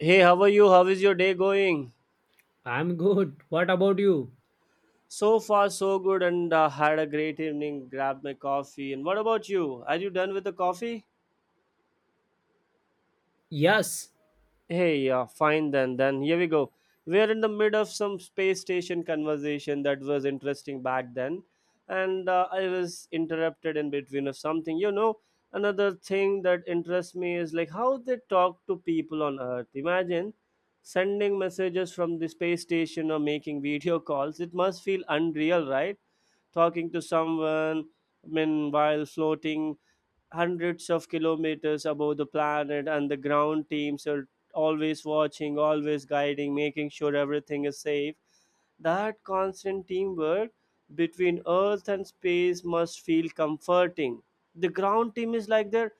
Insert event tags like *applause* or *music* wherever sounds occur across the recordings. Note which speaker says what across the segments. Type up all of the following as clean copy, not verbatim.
Speaker 1: Hey, how are you? How is your day going?
Speaker 2: I'm good. What about you?
Speaker 1: So far, so good, and had a great evening. Grabbed my coffee. And what about you? Are you done with the coffee?
Speaker 2: Yes,
Speaker 1: Hey, fine then. Then here we go. We're in the mid of some space station conversation that was interesting back then, and I was interrupted in between of something. You know, another thing that interests me is like how they talk to people on Earth. Imagine sending messages from the space station or making video calls. It must feel unreal, right? Talking to someone meanwhile floating hundreds of kilometers above the planet, and the ground teams are always watching, always guiding, making sure everything is safe. That constant teamwork between earth and space must feel comforting. The ground team is like their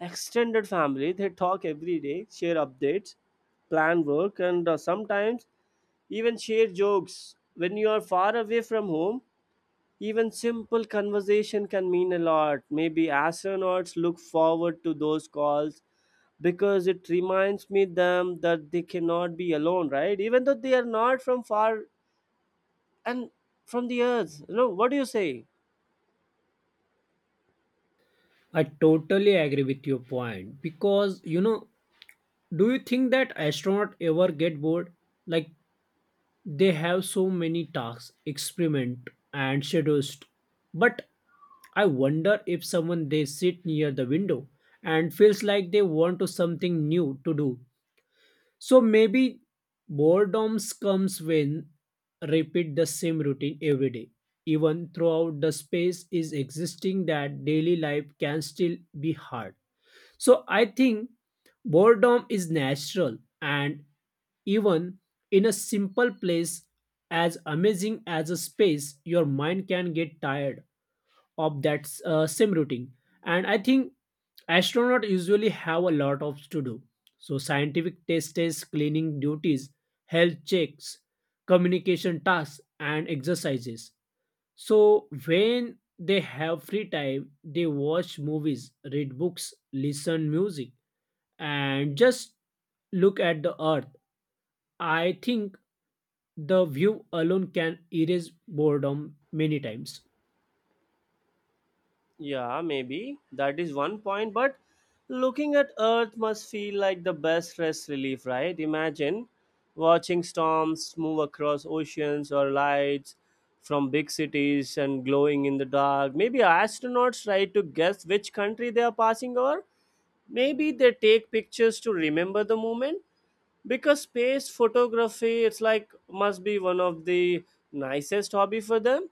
Speaker 1: extended family. They talk every day, share updates, plan work, and sometimes even share jokes. When you are far away from home, even simple conversation can mean a lot. Maybe astronauts look forward to those calls because it reminds me them that they cannot be alone, right? Even though they are not from far and from the earth. You know, what do you say?
Speaker 2: I totally agree with your point because do you think that astronaut ever get bored? Like they have so many tasks, experiment and schedules. But I wonder if someone they sit near the window and feels like they want to something new to do. So maybe boredom comes when repeat the same routine every day. Even throughout the space is existing that daily life can still be hard. So I think boredom is natural and even in a simple place as amazing as a space your mind can get tired of that same routine. And I think astronauts usually have a lot of to do, so scientific tests, cleaning duties, health checks, communication tasks and exercises. So when they have free time they watch movies, read books, listen music, and just look at the Earth. I think the view alone can erase boredom many times.
Speaker 1: Yeah, maybe. That is one point, but looking at Earth must feel like the best stress relief, right? Imagine watching storms move across oceans, or lights from big cities and glowing in the dark. Maybe astronauts try to guess which country they are passing over. Maybe they take pictures to remember the moment, because space photography it's like must be one of the nicest hobby for them.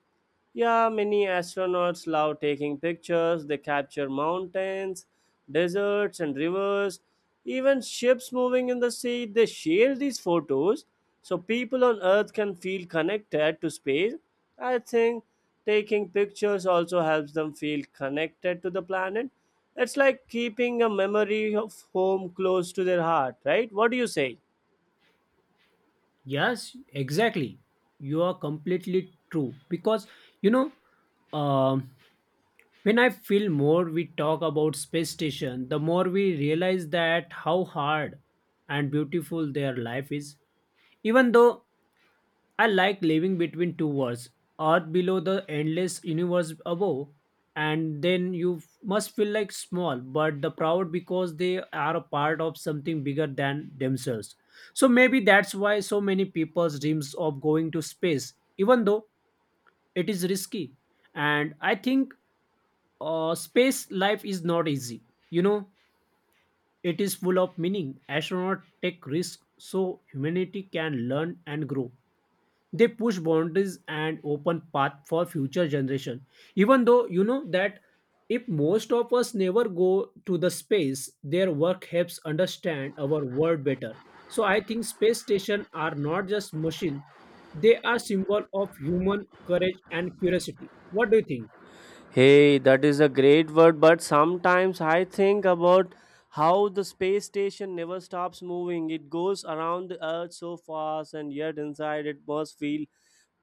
Speaker 1: Yeah, many astronauts love taking pictures. They capture mountains, deserts and rivers, even ships moving in the sea. They share these photos so people on earth can feel connected to space. I think taking pictures also helps them feel connected to the planet. It's like keeping a memory of home close to their heart, right? What do you say?
Speaker 2: Yes, exactly. You are completely true because you know um, when I feel more we talk about space station, the more we realize that how hard and beautiful their life is. Even though I like living between two worlds, Earth below the endless universe above, and then must feel like small but the proud because they are a part of something bigger than themselves. So maybe that's why so many people dreams of going to space, even though it is risky. And I think space life is not easy. You know, it is full of meaning. Astronauts take risks so humanity can learn and grow. They push boundaries and open path for future generation, even though you know that if most of us never go to the space their work helps understand our world better. So I think space station are not just machine. They are symbol of human courage and curiosity. What do you think?
Speaker 1: Hey, that is a great word, but sometimes I think about how the space station never stops moving. It goes around the earth so fast, and yet inside it must feel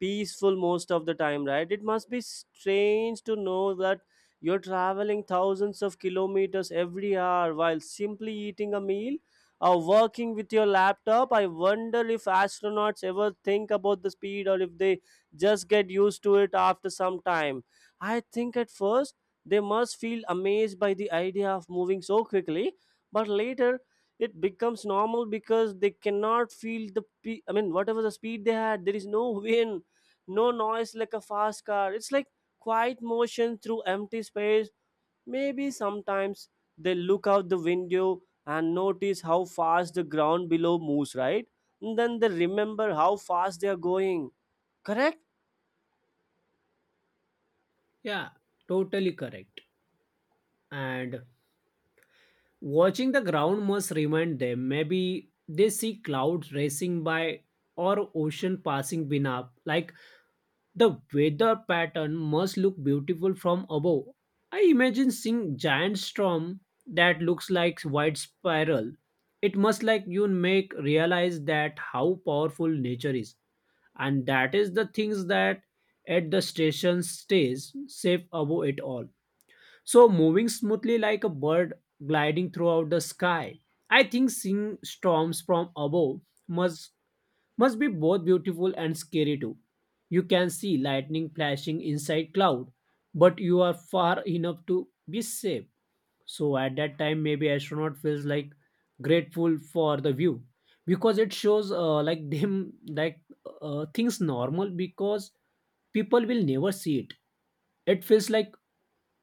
Speaker 1: peaceful most of the time, right? It must be strange to know that you're traveling thousands of kilometers every hour while simply eating a meal or working with your laptop. I wonder if astronauts ever think about the speed, or if they just get used to it after some time. I think at first they must feel amazed by the idea of moving so quickly, but later it becomes normal because they cannot feel the whatever the speed they had, there is no *laughs* way, no noise like a fast car. It's like quiet motion through empty space. Maybe sometimes they look out the window and notice how fast the ground below moves, right? And then they remember how fast they are going. Correct?
Speaker 2: Yeah, totally correct. And watching the ground must remind them. Maybe they see clouds racing by or ocean passing beneath like the weather pattern must look beautiful from above. I imagine seeing giant storm that looks like white spiral. It must like you make realize that how powerful nature is. And that is the things that at the station stays safe above it all. So moving smoothly like a bird gliding throughout the sky. I think seeing storms from above must must be both beautiful and scary too. You can see lightning flashing inside cloud, but you are far enough to be safe. So at that time, maybe astronaut feels like grateful for the view because it shows like them like things normal because people will never see it. It feels like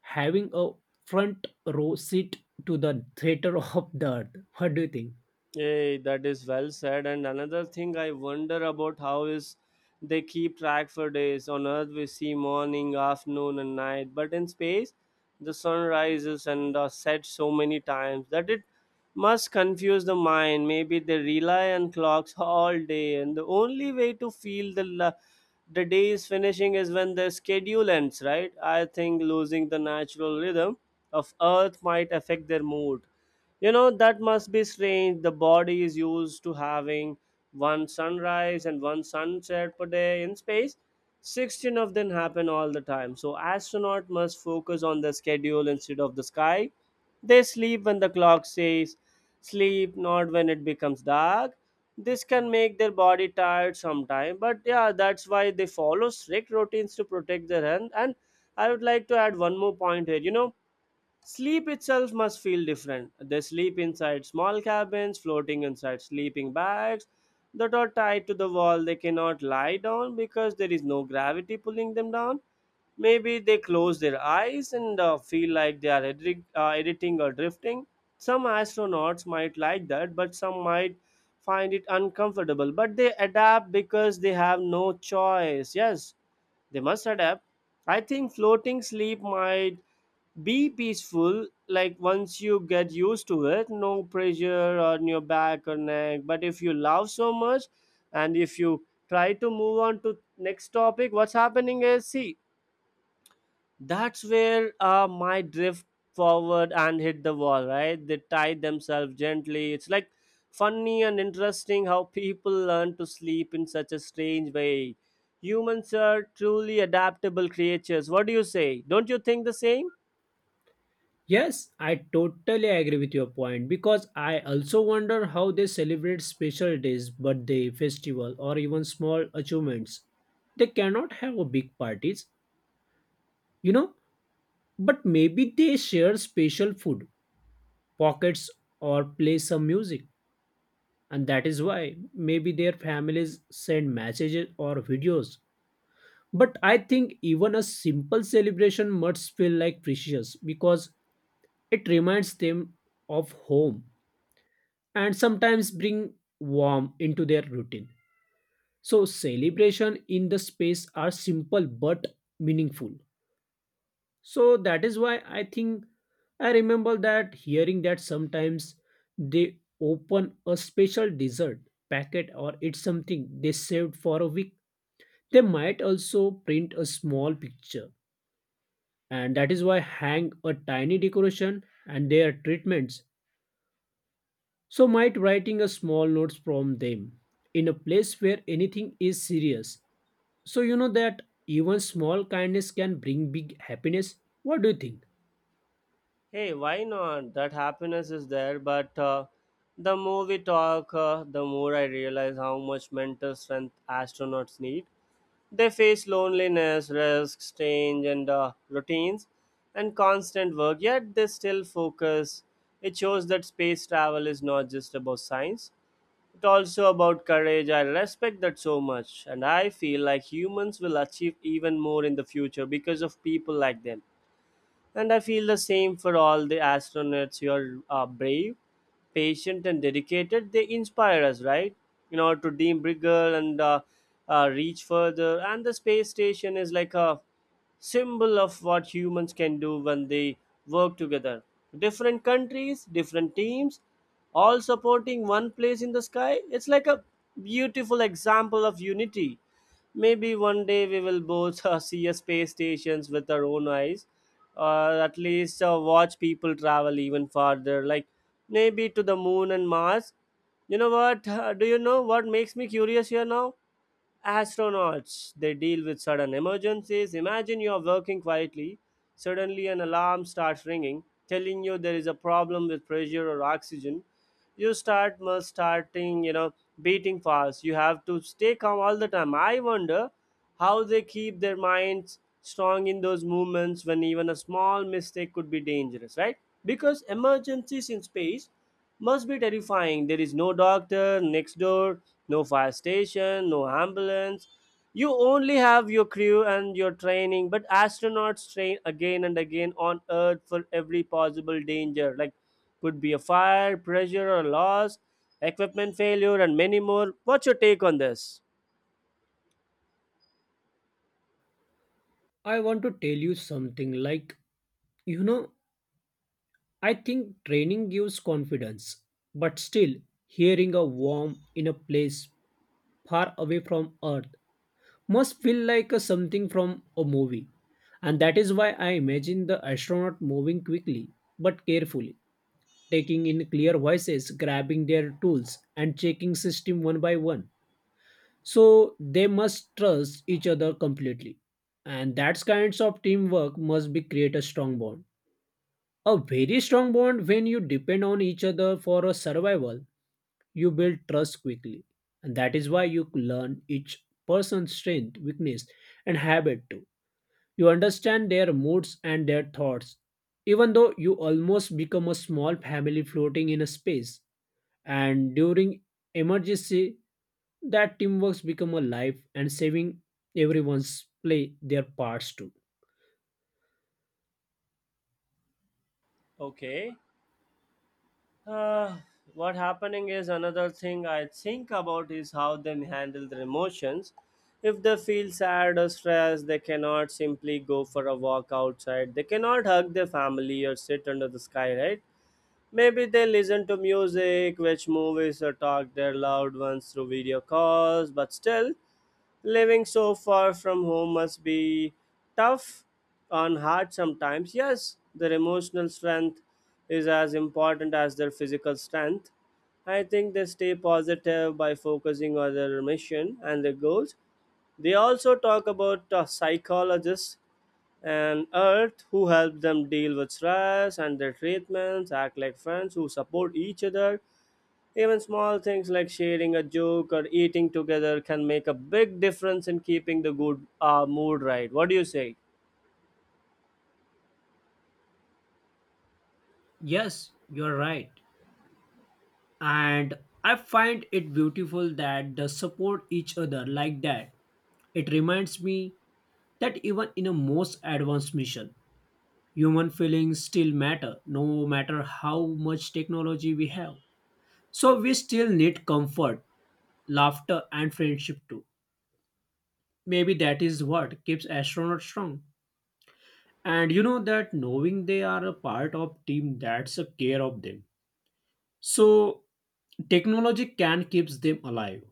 Speaker 2: having a front row seat to the theater *laughs* of the Earth. What do you think?
Speaker 1: Hey, that is well said. And another thing I wonder about how is they keep track for days. On Earth, we see morning, afternoon, and night. But in space, the sun rises and sets so many times that it must confuse the mind. Maybe they rely on clocks all day, and the only way to feel the the day is finishing is when the schedule ends. Right? I think losing the natural rhythm of Earth might affect their mood. You know, that must be strange. The body is used to having one sunrise and one sunset per day. In space, 16 of them happen all the time. So, astronaut must focus on the schedule instead of the sky. They sleep when the clock says sleep, not when it becomes dark. This can make their body tired sometime, but yeah, that's why they follow strict routines to protect their health. And I would like to add one more point here. You know, sleep itself must feel different. They sleep inside small cabins, floating inside sleeping bags that are tied to the wall. They cannot lie down because there is no gravity pulling them down. Maybe they close their eyes and feel like they are editing or drifting. Some astronauts might like that, but some might find it uncomfortable. But they adapt because they have no choice. Yes, they must adapt. I think floating sleep might be peaceful, like once you get used to it, no pressure on your back or neck. But if you love so much, and if you try to move on to next topic, what's happening is, see, that's where my drift forward and hit the wall, right? They tie themselves gently. It's like funny and interesting how *laughs* people learn to sleep in such a strange way. Humans are truly adaptable creatures. What do you say? Don't you think the same?
Speaker 2: Yes, I totally agree with your point because I also wonder how they celebrate special days, birthday, festival, or even small achievements. They cannot have a big parties, you know, but maybe they share special food, pockets, or play some music. And that is why maybe their families send messages or videos. But I think even a simple celebration must feel like precious because it reminds them of home and sometimes bring warmth into their routine. So, celebration in the space are simple but meaningful. So, that is why I think I remember that hearing that sometimes they open a special dessert packet or it's something they saved for a week. They might also print a small picture, and that is why hang a tiny decoration and their treatments. So might writing a small notes from them in a place where anything is serious. So you know that even small kindness can bring big happiness. What do you think?
Speaker 1: Hey, why not? That happiness is there, but the more we talk, the more I realize how much mental strength astronauts need. They face loneliness, risks, change, and routines, and constant work, yet they still focus. It shows that space travel is not just about science, it's also about courage. I respect that so much, and I feel like humans will achieve even more in the future because of people like them. And I feel the same for all the astronauts. You are brave, patient, and dedicated. They inspire us, right? You know, to dream bigger and reach further. And the space station is like a symbol of what humans can do when they work together. Different countries, different teams, all supporting one place in the sky. It's like a beautiful example of unity. Maybe one day we will both *laughs* see a space stations with our own eyes, or at least watch people travel even farther, like maybe to the moon and Mars. You know what? *laughs* Do you know what makes me curious here now? Astronauts, they deal with sudden emergencies. Imagine you are working quietly, suddenly an alarm starts ringing telling you there is a problem with pressure or oxygen. You starting, you know, beating fast. You have to stay calm all the time. I wonder how they keep their minds strong in those movements when even a small mistake could be dangerous, right? Because emergencies in space must be terrifying. There is no doctor next door, no fire station, no ambulance. You only have your crew and your training, but astronauts train again and again on Earth for every possible danger, like could be a fire, pressure, or loss, equipment failure, and many more. What's your take on this?
Speaker 2: I want to tell you something like you know I think training gives confidence, but still hearing a warm in a place far away from Earth must feel like a something from a movie. And that is why I imagine the astronaut moving quickly but carefully, taking in clear voices, grabbing their tools, and checking system one by one. So they must trust each other completely. And that kinds of teamwork must be create a strong bond. A very strong bond. When you depend on each other for a survival you build trust quickly, and that is why you learn each person's strength, weakness, and habit too. You understand their moods and their thoughts, even though you almost become a small family floating in a space. And during emergency, that teamwork's become a life and saving everyone's play their parts too.
Speaker 1: Okay. Uh, what happening is, another thing I think about is how they handle their emotions. If they feel sad or stressed, they cannot simply go for a walk outside. They cannot hug their family or sit under the sky, right? Maybe they listen to music, watch movies, or talk their loved ones through video calls, but still, living so far from home must be tough on heart sometimes. Yes, their emotional strength is as important as their physical strength. I think they stay positive by focusing on their mission and their goals. They also talk about psychologists and Earth, who help them deal with stress, and their treatments act like friends who support each other. Even small things like sharing a joke or eating together can make a big difference in keeping the good mood, right. What do you say?
Speaker 2: Yes, you're right. And I find it beautiful that they support each other like that. It reminds me that even in a most advanced mission, human feelings still matter, no matter how much technology we have. So we still need comfort, laughter, and friendship too. Maybe that is what keeps astronauts strong. And you know that knowing they are a part of team that's a care of them. So technology can keeps them alive.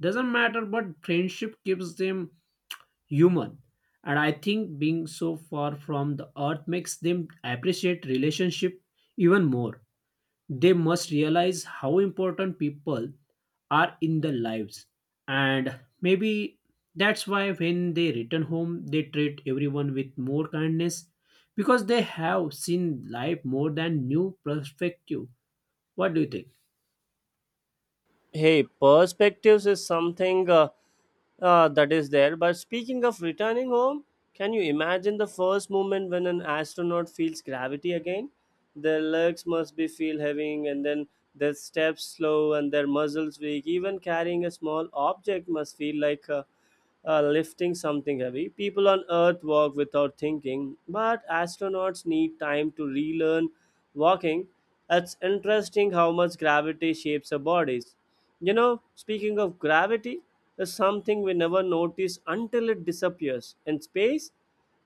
Speaker 2: Doesn't matter, but friendship keeps them human. And I think being so far from the Earth makes them appreciate relationship even more. They must realize how important people are in their lives. And maybe that's why when they return home they treat everyone with more kindness because they have seen life more than new perspective. What do you think?
Speaker 1: Hey, perspectives is something that is there, but speaking of returning home, can you imagine the first moment when an astronaut feels gravity again? Their legs must be feel heavy, and then their steps slow and their muscles weak. Even carrying a small object must feel like a lifting something heavy. People on Earth walk without thinking, but astronauts need time to relearn walking. It's interesting how much gravity shapes our bodies. You know, speaking of gravity, is something we never notice until it disappears. In space,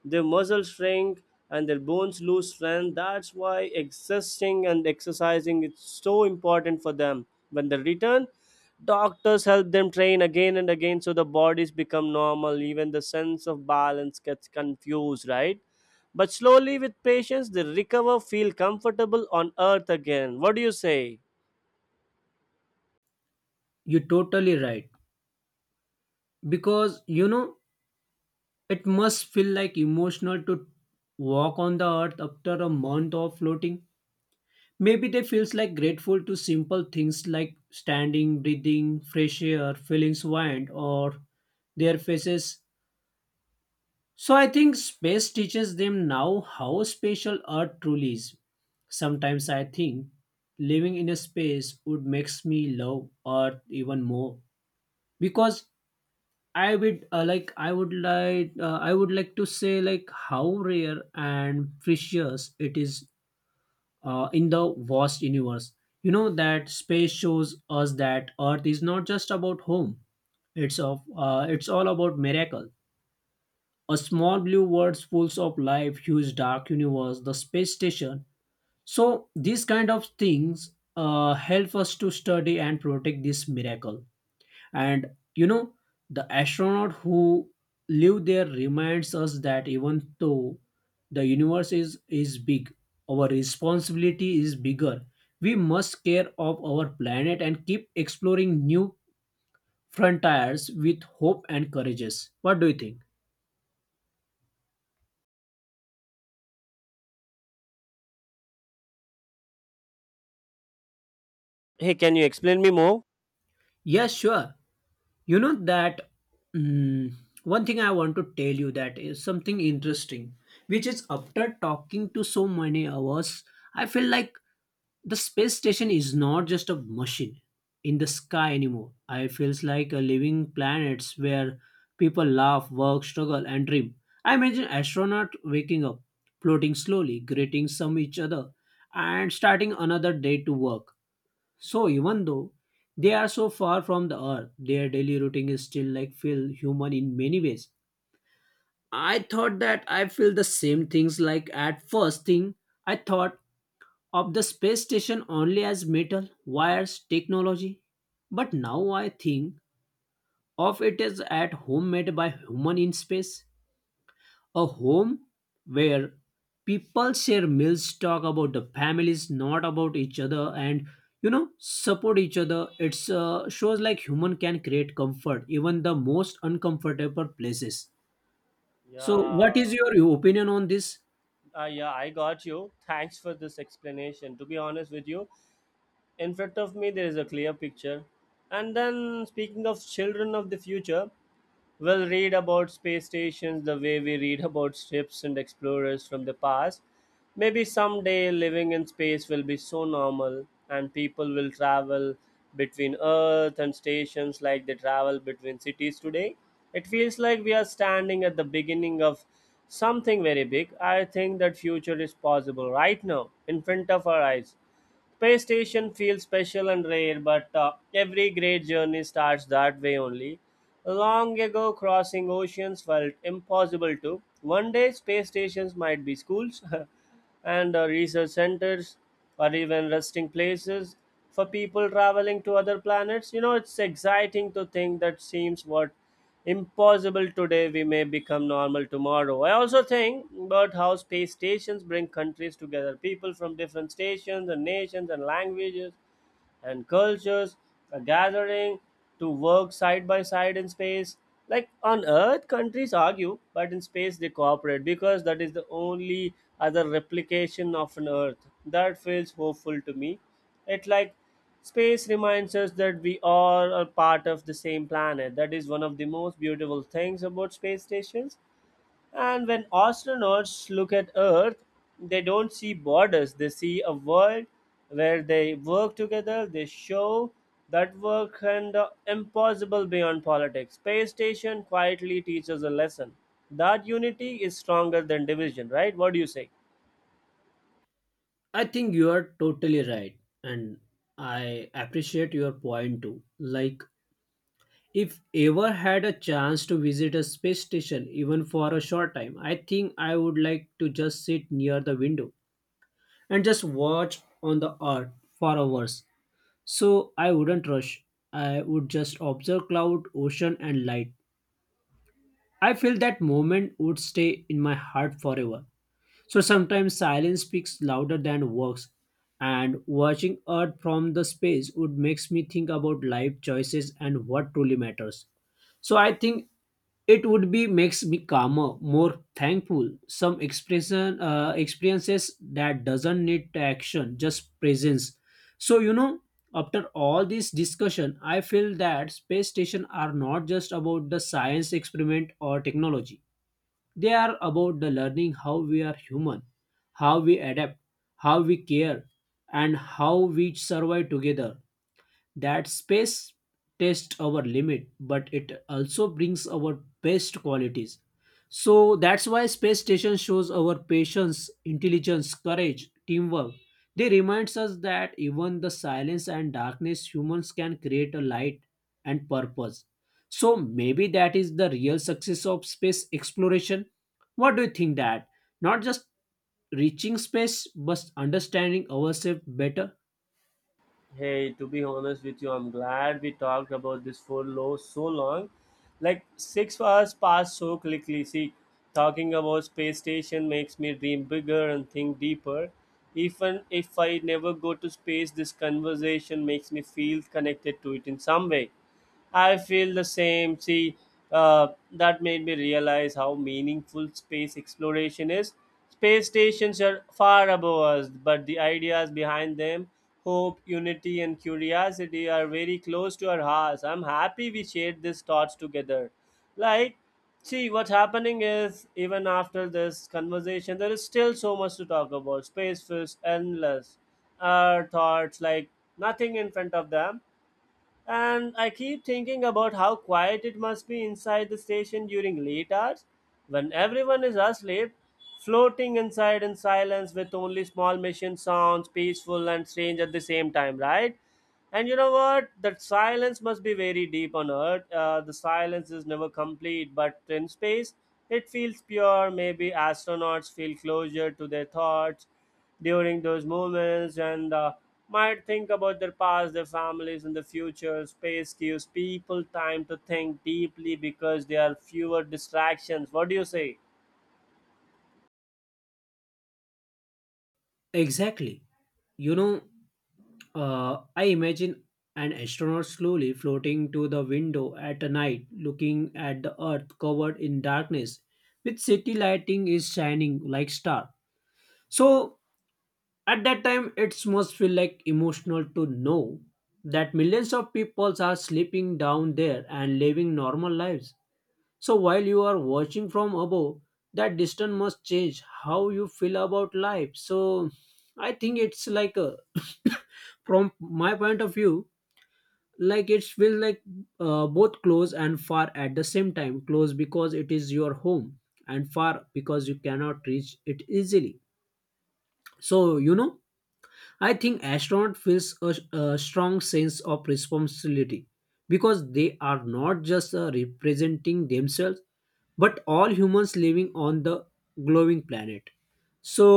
Speaker 1: their muscles shrink and their bones lose strength. That's why existing and exercising is so important for them. When they return, doctors help them train again and again so the bodies become normal. Even the sense of balance gets confused, right? But slowly, with patience, they recover, feel comfortable on earth again. What do you say?
Speaker 2: You're totally right because it must feel like emotional to walk on the Earth after a month of floating. Maybe they feels like grateful to simple things like standing, breathing, fresh air, feeling wind, or their faces. So I think space teaches them now how special Earth truly is. Sometimes I think living in a space would makes me love Earth even more because I would like to say like how rare and precious it is in the vast universe. You know that space shows us that Earth is not just about home. It's all about miracle. A small blue world full of life, huge dark universe, the space station. So these kind of things help us to study and protect this miracle. And the astronaut who live there reminds us that even though the universe is big, our responsibility is bigger. We must care of our planet and keep exploring new frontiers with hope and courageous. What do you think?
Speaker 1: Hey, can you explain me more?
Speaker 2: Yes, sure. You know that mm, one thing I want to tell you that is something interesting, which is after talking to so many hours, I feel like the space station is not just a machine in the sky anymore. I feels like a living planets where people laugh, work, struggle, and dream. I imagine astronaut waking up, floating slowly, greeting some each other, and starting another day to work. So even though they are so far from the Earth, their daily routine is still like feel human in many ways. I thought that I feel the same things like at first thing I thought of the space station only as metal, wires, technology, but now I think of it as at home made by human in space, a home where people share meals, talk about the families, not about each other, and support each other. It's shows like human can create comfort even the most uncomfortable places. So, what
Speaker 1: Yeah,
Speaker 2: is your opinion on this?
Speaker 1: yeah, I got you. Thanks for this explanation. To be honest with you, in front of me there is a clear picture, and then speaking of children of the future, we'll read about space stations the way we read *laughs* about ships and explorers from the past. Maybe someday living in space will be so normal and people will travel between earth and stations like they travel between cities today. It feels like we are standing at the beginning of something very big. I think that future is possible right now in front of our eyes. Space station feels special and rare, but every great journey starts that way only. Long ago, crossing oceans felt impossible too. One day, space stations might be schools *laughs* and research centers or even resting places for people traveling to other planets. You know, it's exciting to think that seems what impossible today, we may become normal tomorrow. I also think about how space stations bring countries together, people from different stations and nations and languages and cultures are gathering to work side by side in space. Like on Earth, countries argue, but in space they cooperate because that is the only other replication of an Earth. That feels hopeful to me. It like space reminds us that we all are part of the same planet. That is one of the most beautiful things about space stations, and when astronauts look at Earth, they don't see borders, they see a world where they work together, they show that work and the impossible beyond politics. Space Station quietly teaches a lesson that unity is stronger than division, right? What do you say?
Speaker 2: I think you are totally right, and I appreciate your point too. Like, if ever had a chance to visit a space station, even for a short time, I think I would like to just sit near the window and just watch on the Earth for hours. So I wouldn't rush. I would just observe cloud, ocean, and light. I feel that moment would stay in my heart forever. So sometimes silence speaks louder than words, and watching Earth from the space would makes me think about life choices and what truly matters. So I think it would be makes me calmer, more thankful. Some expression experiences that doesn't need action, just presence. So after all this discussion, I feel that space station are not just about the science experiment or technology. They are about the learning how we are human, how we adapt, how we care, and how we survive together. That space tests our limit, but it also brings our best qualities. So that's why space station shows our patience, intelligence, courage, teamwork. They reminds us that even the silence and darkness humans can create a light and purpose. So maybe that is the real success of space exploration. What do you think that? Not just reaching space, but understanding ourselves better.
Speaker 1: Hey, to be honest with you, I'm glad we talked about this for low so long. Like 6 hours passed so quickly. See, talking about space station makes me dream bigger and think deeper. Even if I never go to space, this conversation makes me feel connected to it in some way. I feel the same. See, that made me realize how meaningful space exploration is. Space stations are far above us, but the ideas behind them, hope, unity, and curiosity, are very close to our hearts. I'm happy we shared these thoughts together. Like, see, what's happening is, even after this conversation, there is still so much to talk about. Space feels endless. Our thoughts, like, nothing in front of them. And I keep thinking about how quiet it must be inside the station during late hours, when everyone is asleep, floating inside in silence with only small machine sounds, peaceful and strange at the same time, right? And you know what? That silence must be very deep on Earth. The silence is never complete, but in space, it feels pure. Maybe astronauts feel closer to their thoughts during those moments, and might think about their past, their families, and the future. Space gives people time to think deeply because there are fewer distractions. What do you say?
Speaker 2: Exactly. You know, I imagine an astronaut slowly floating to the window at night, looking at the Earth covered in darkness, with city lighting is shining like star. So at that time, it must feel like emotional to know that millions of people are sleeping down there and living normal lives. So while you are watching from above, that distance must change how you feel about life. So I think it's like *coughs* from my point of view, like it feel like both close and far at the same time, close because it is your home and far because you cannot reach it easily. So I think astronaut feels a strong sense of responsibility because they are not just representing themselves but all humans living on the glowing planet. So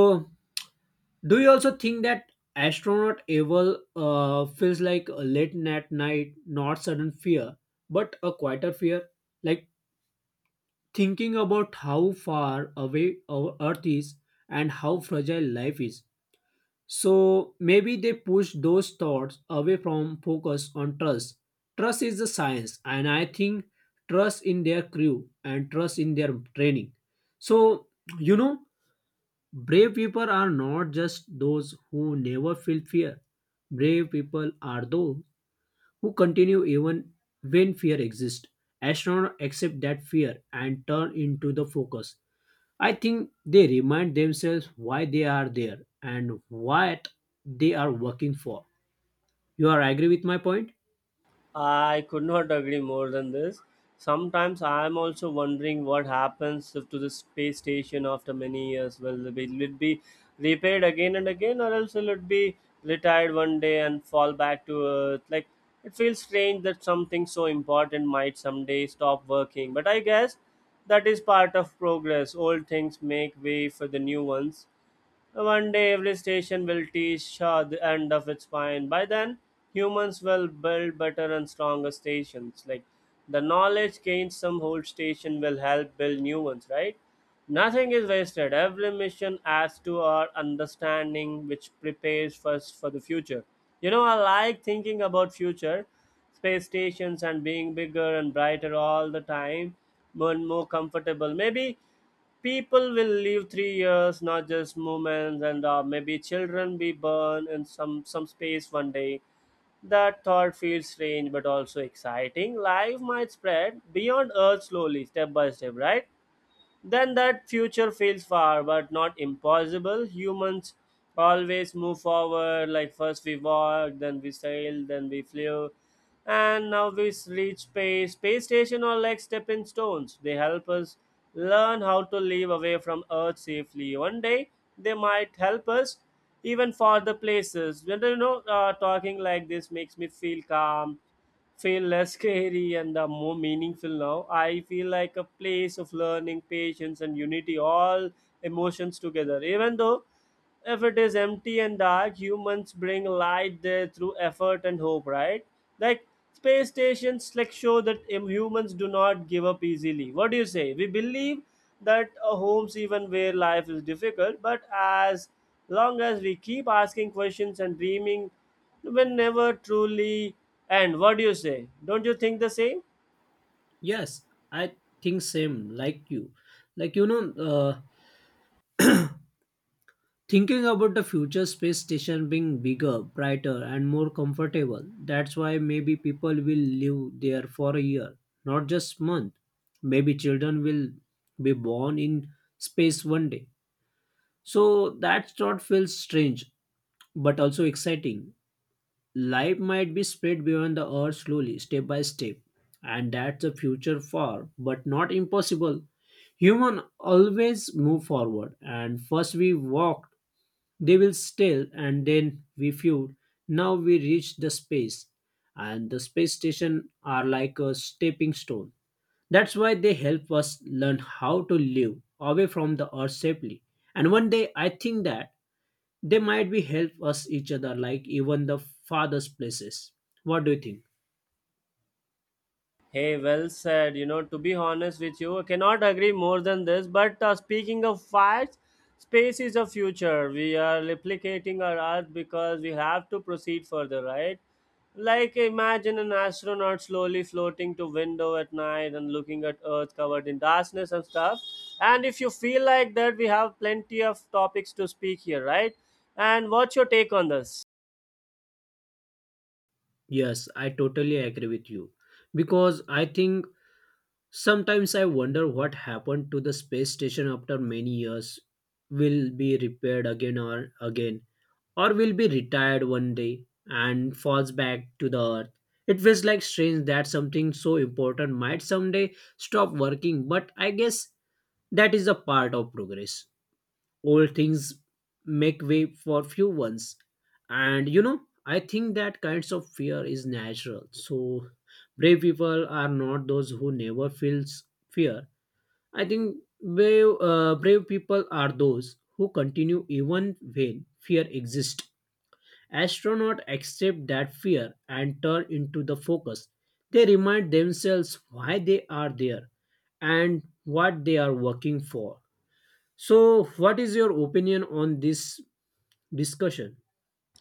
Speaker 2: do you also think that astronaut evil feels like a late at night, not sudden fear, but a quieter fear? Like thinking about how far away our Earth is and how fragile life is. So maybe they push those thoughts away from focus on trust. Trust is the science, and I think trust in their crew and trust in their training. So, you know, Brave people are not just those who never feel fear. Brave people are those who continue even when fear exists. Astronauts accept that fear and turn into the focus. I think they remind themselves why they are there and what they are working for. You are agree with my point?
Speaker 1: I could not agree more than this. Sometimes I am also wondering what happens if to the space station after many years. Will it be repaired again and again, or else will it be retired one day and fall back to Earth? Like it feels strange that something so important might someday stop working. But I guess that is part of progress. Old things make way for the new ones. One day, every station will teach Shah the end of its spine. By then, humans will build better and stronger stations. Like the knowledge gained, some old station will help build new ones, right? Nothing is wasted. Every mission adds to our understanding, which prepares us for the future. You know, I like thinking about future space stations and being bigger and brighter all the time, more and more comfortable. Maybe people will live 3 years not just moments, and maybe children be born in some space one day. That thought feels strange but also exciting. Life might spread beyond earth slowly, step by step, right? Then that future feels far but not impossible. Humans always move forward. Like first we walked, then we sailed, then we flew, and now we reach space. Space station or like stepping stones. They help us learn how to live away from Earth safely. One day they might help us even farther places. When talking like this makes me feel calm, feel less scary and the more meaningful now. I feel like a place of learning, patience, and unity, all emotions together. Even though if it is empty and dark, humans bring light there through effort and hope, right? Like space stations like show that humans do not give up easily. What do you say? We believe that homes, even where life is difficult, but as long as we keep asking questions and dreaming, we will never truly end. What do you say? Don't you think the same?
Speaker 2: Yes, I think same like you. Like thinking about the future space station being bigger, brighter, and more comfortable, that's why maybe people will live there for a year, not just month. Maybe children will be born in space one day. So that thought feels strange, but also exciting. Life might be spread beyond the Earth slowly, step by step, and that's a future far, but not impossible. Human always move forward, and first we walked they will still, and then we feud. Now we reach the space, and the space station are like a stepping stone. That's why they help us learn how to live away from the Earth safely. And one day I think that they might be help us each other like even the farthest places. What do you think?
Speaker 1: Hey, well said. You know, to be honest with you, I cannot agree more than this. But speaking of facts, space is a future. We are replicating our Earth because we have to proceed further, right? Like, imagine an astronaut slowly floating to window at night and looking at Earth covered in darkness and stuff. And if you feel like that, we have plenty of topics to speak here, right? And what's your take on this?
Speaker 2: Yes, I totally agree with you because I think sometimes I wonder what happened to the space station after many years. Will be repaired again or again, or will be retired one day and falls back to the Earth. It feels like strange that something so important might someday stop working, but I guess that is a part of progress. Old things make way for few ones. And I think that kinds of fear is natural. So brave people are not those who never feels fear. I think brave people are those who continue even when fear exists. Astronauts accept that fear and turn into the focus. They remind themselves why they are there and what they are working for. So, what is your opinion on this discussion?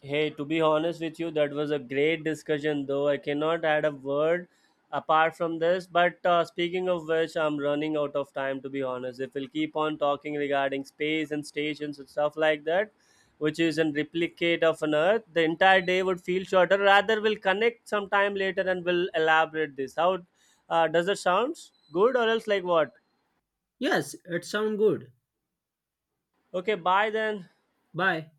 Speaker 1: Hey, to be honest with you, that was a great discussion, though I cannot add a word apart from this. But speaking of which, I'm running out of time, to be honest. If we'll keep on talking regarding space and stations and stuff like that, which is a replicate of an Earth, the entire day would feel shorter. Rather, we'll connect sometime later and we'll elaborate this. How does it sounds good or else like what?
Speaker 2: Yes, it sounds good.
Speaker 1: Okay, bye then.
Speaker 2: Bye.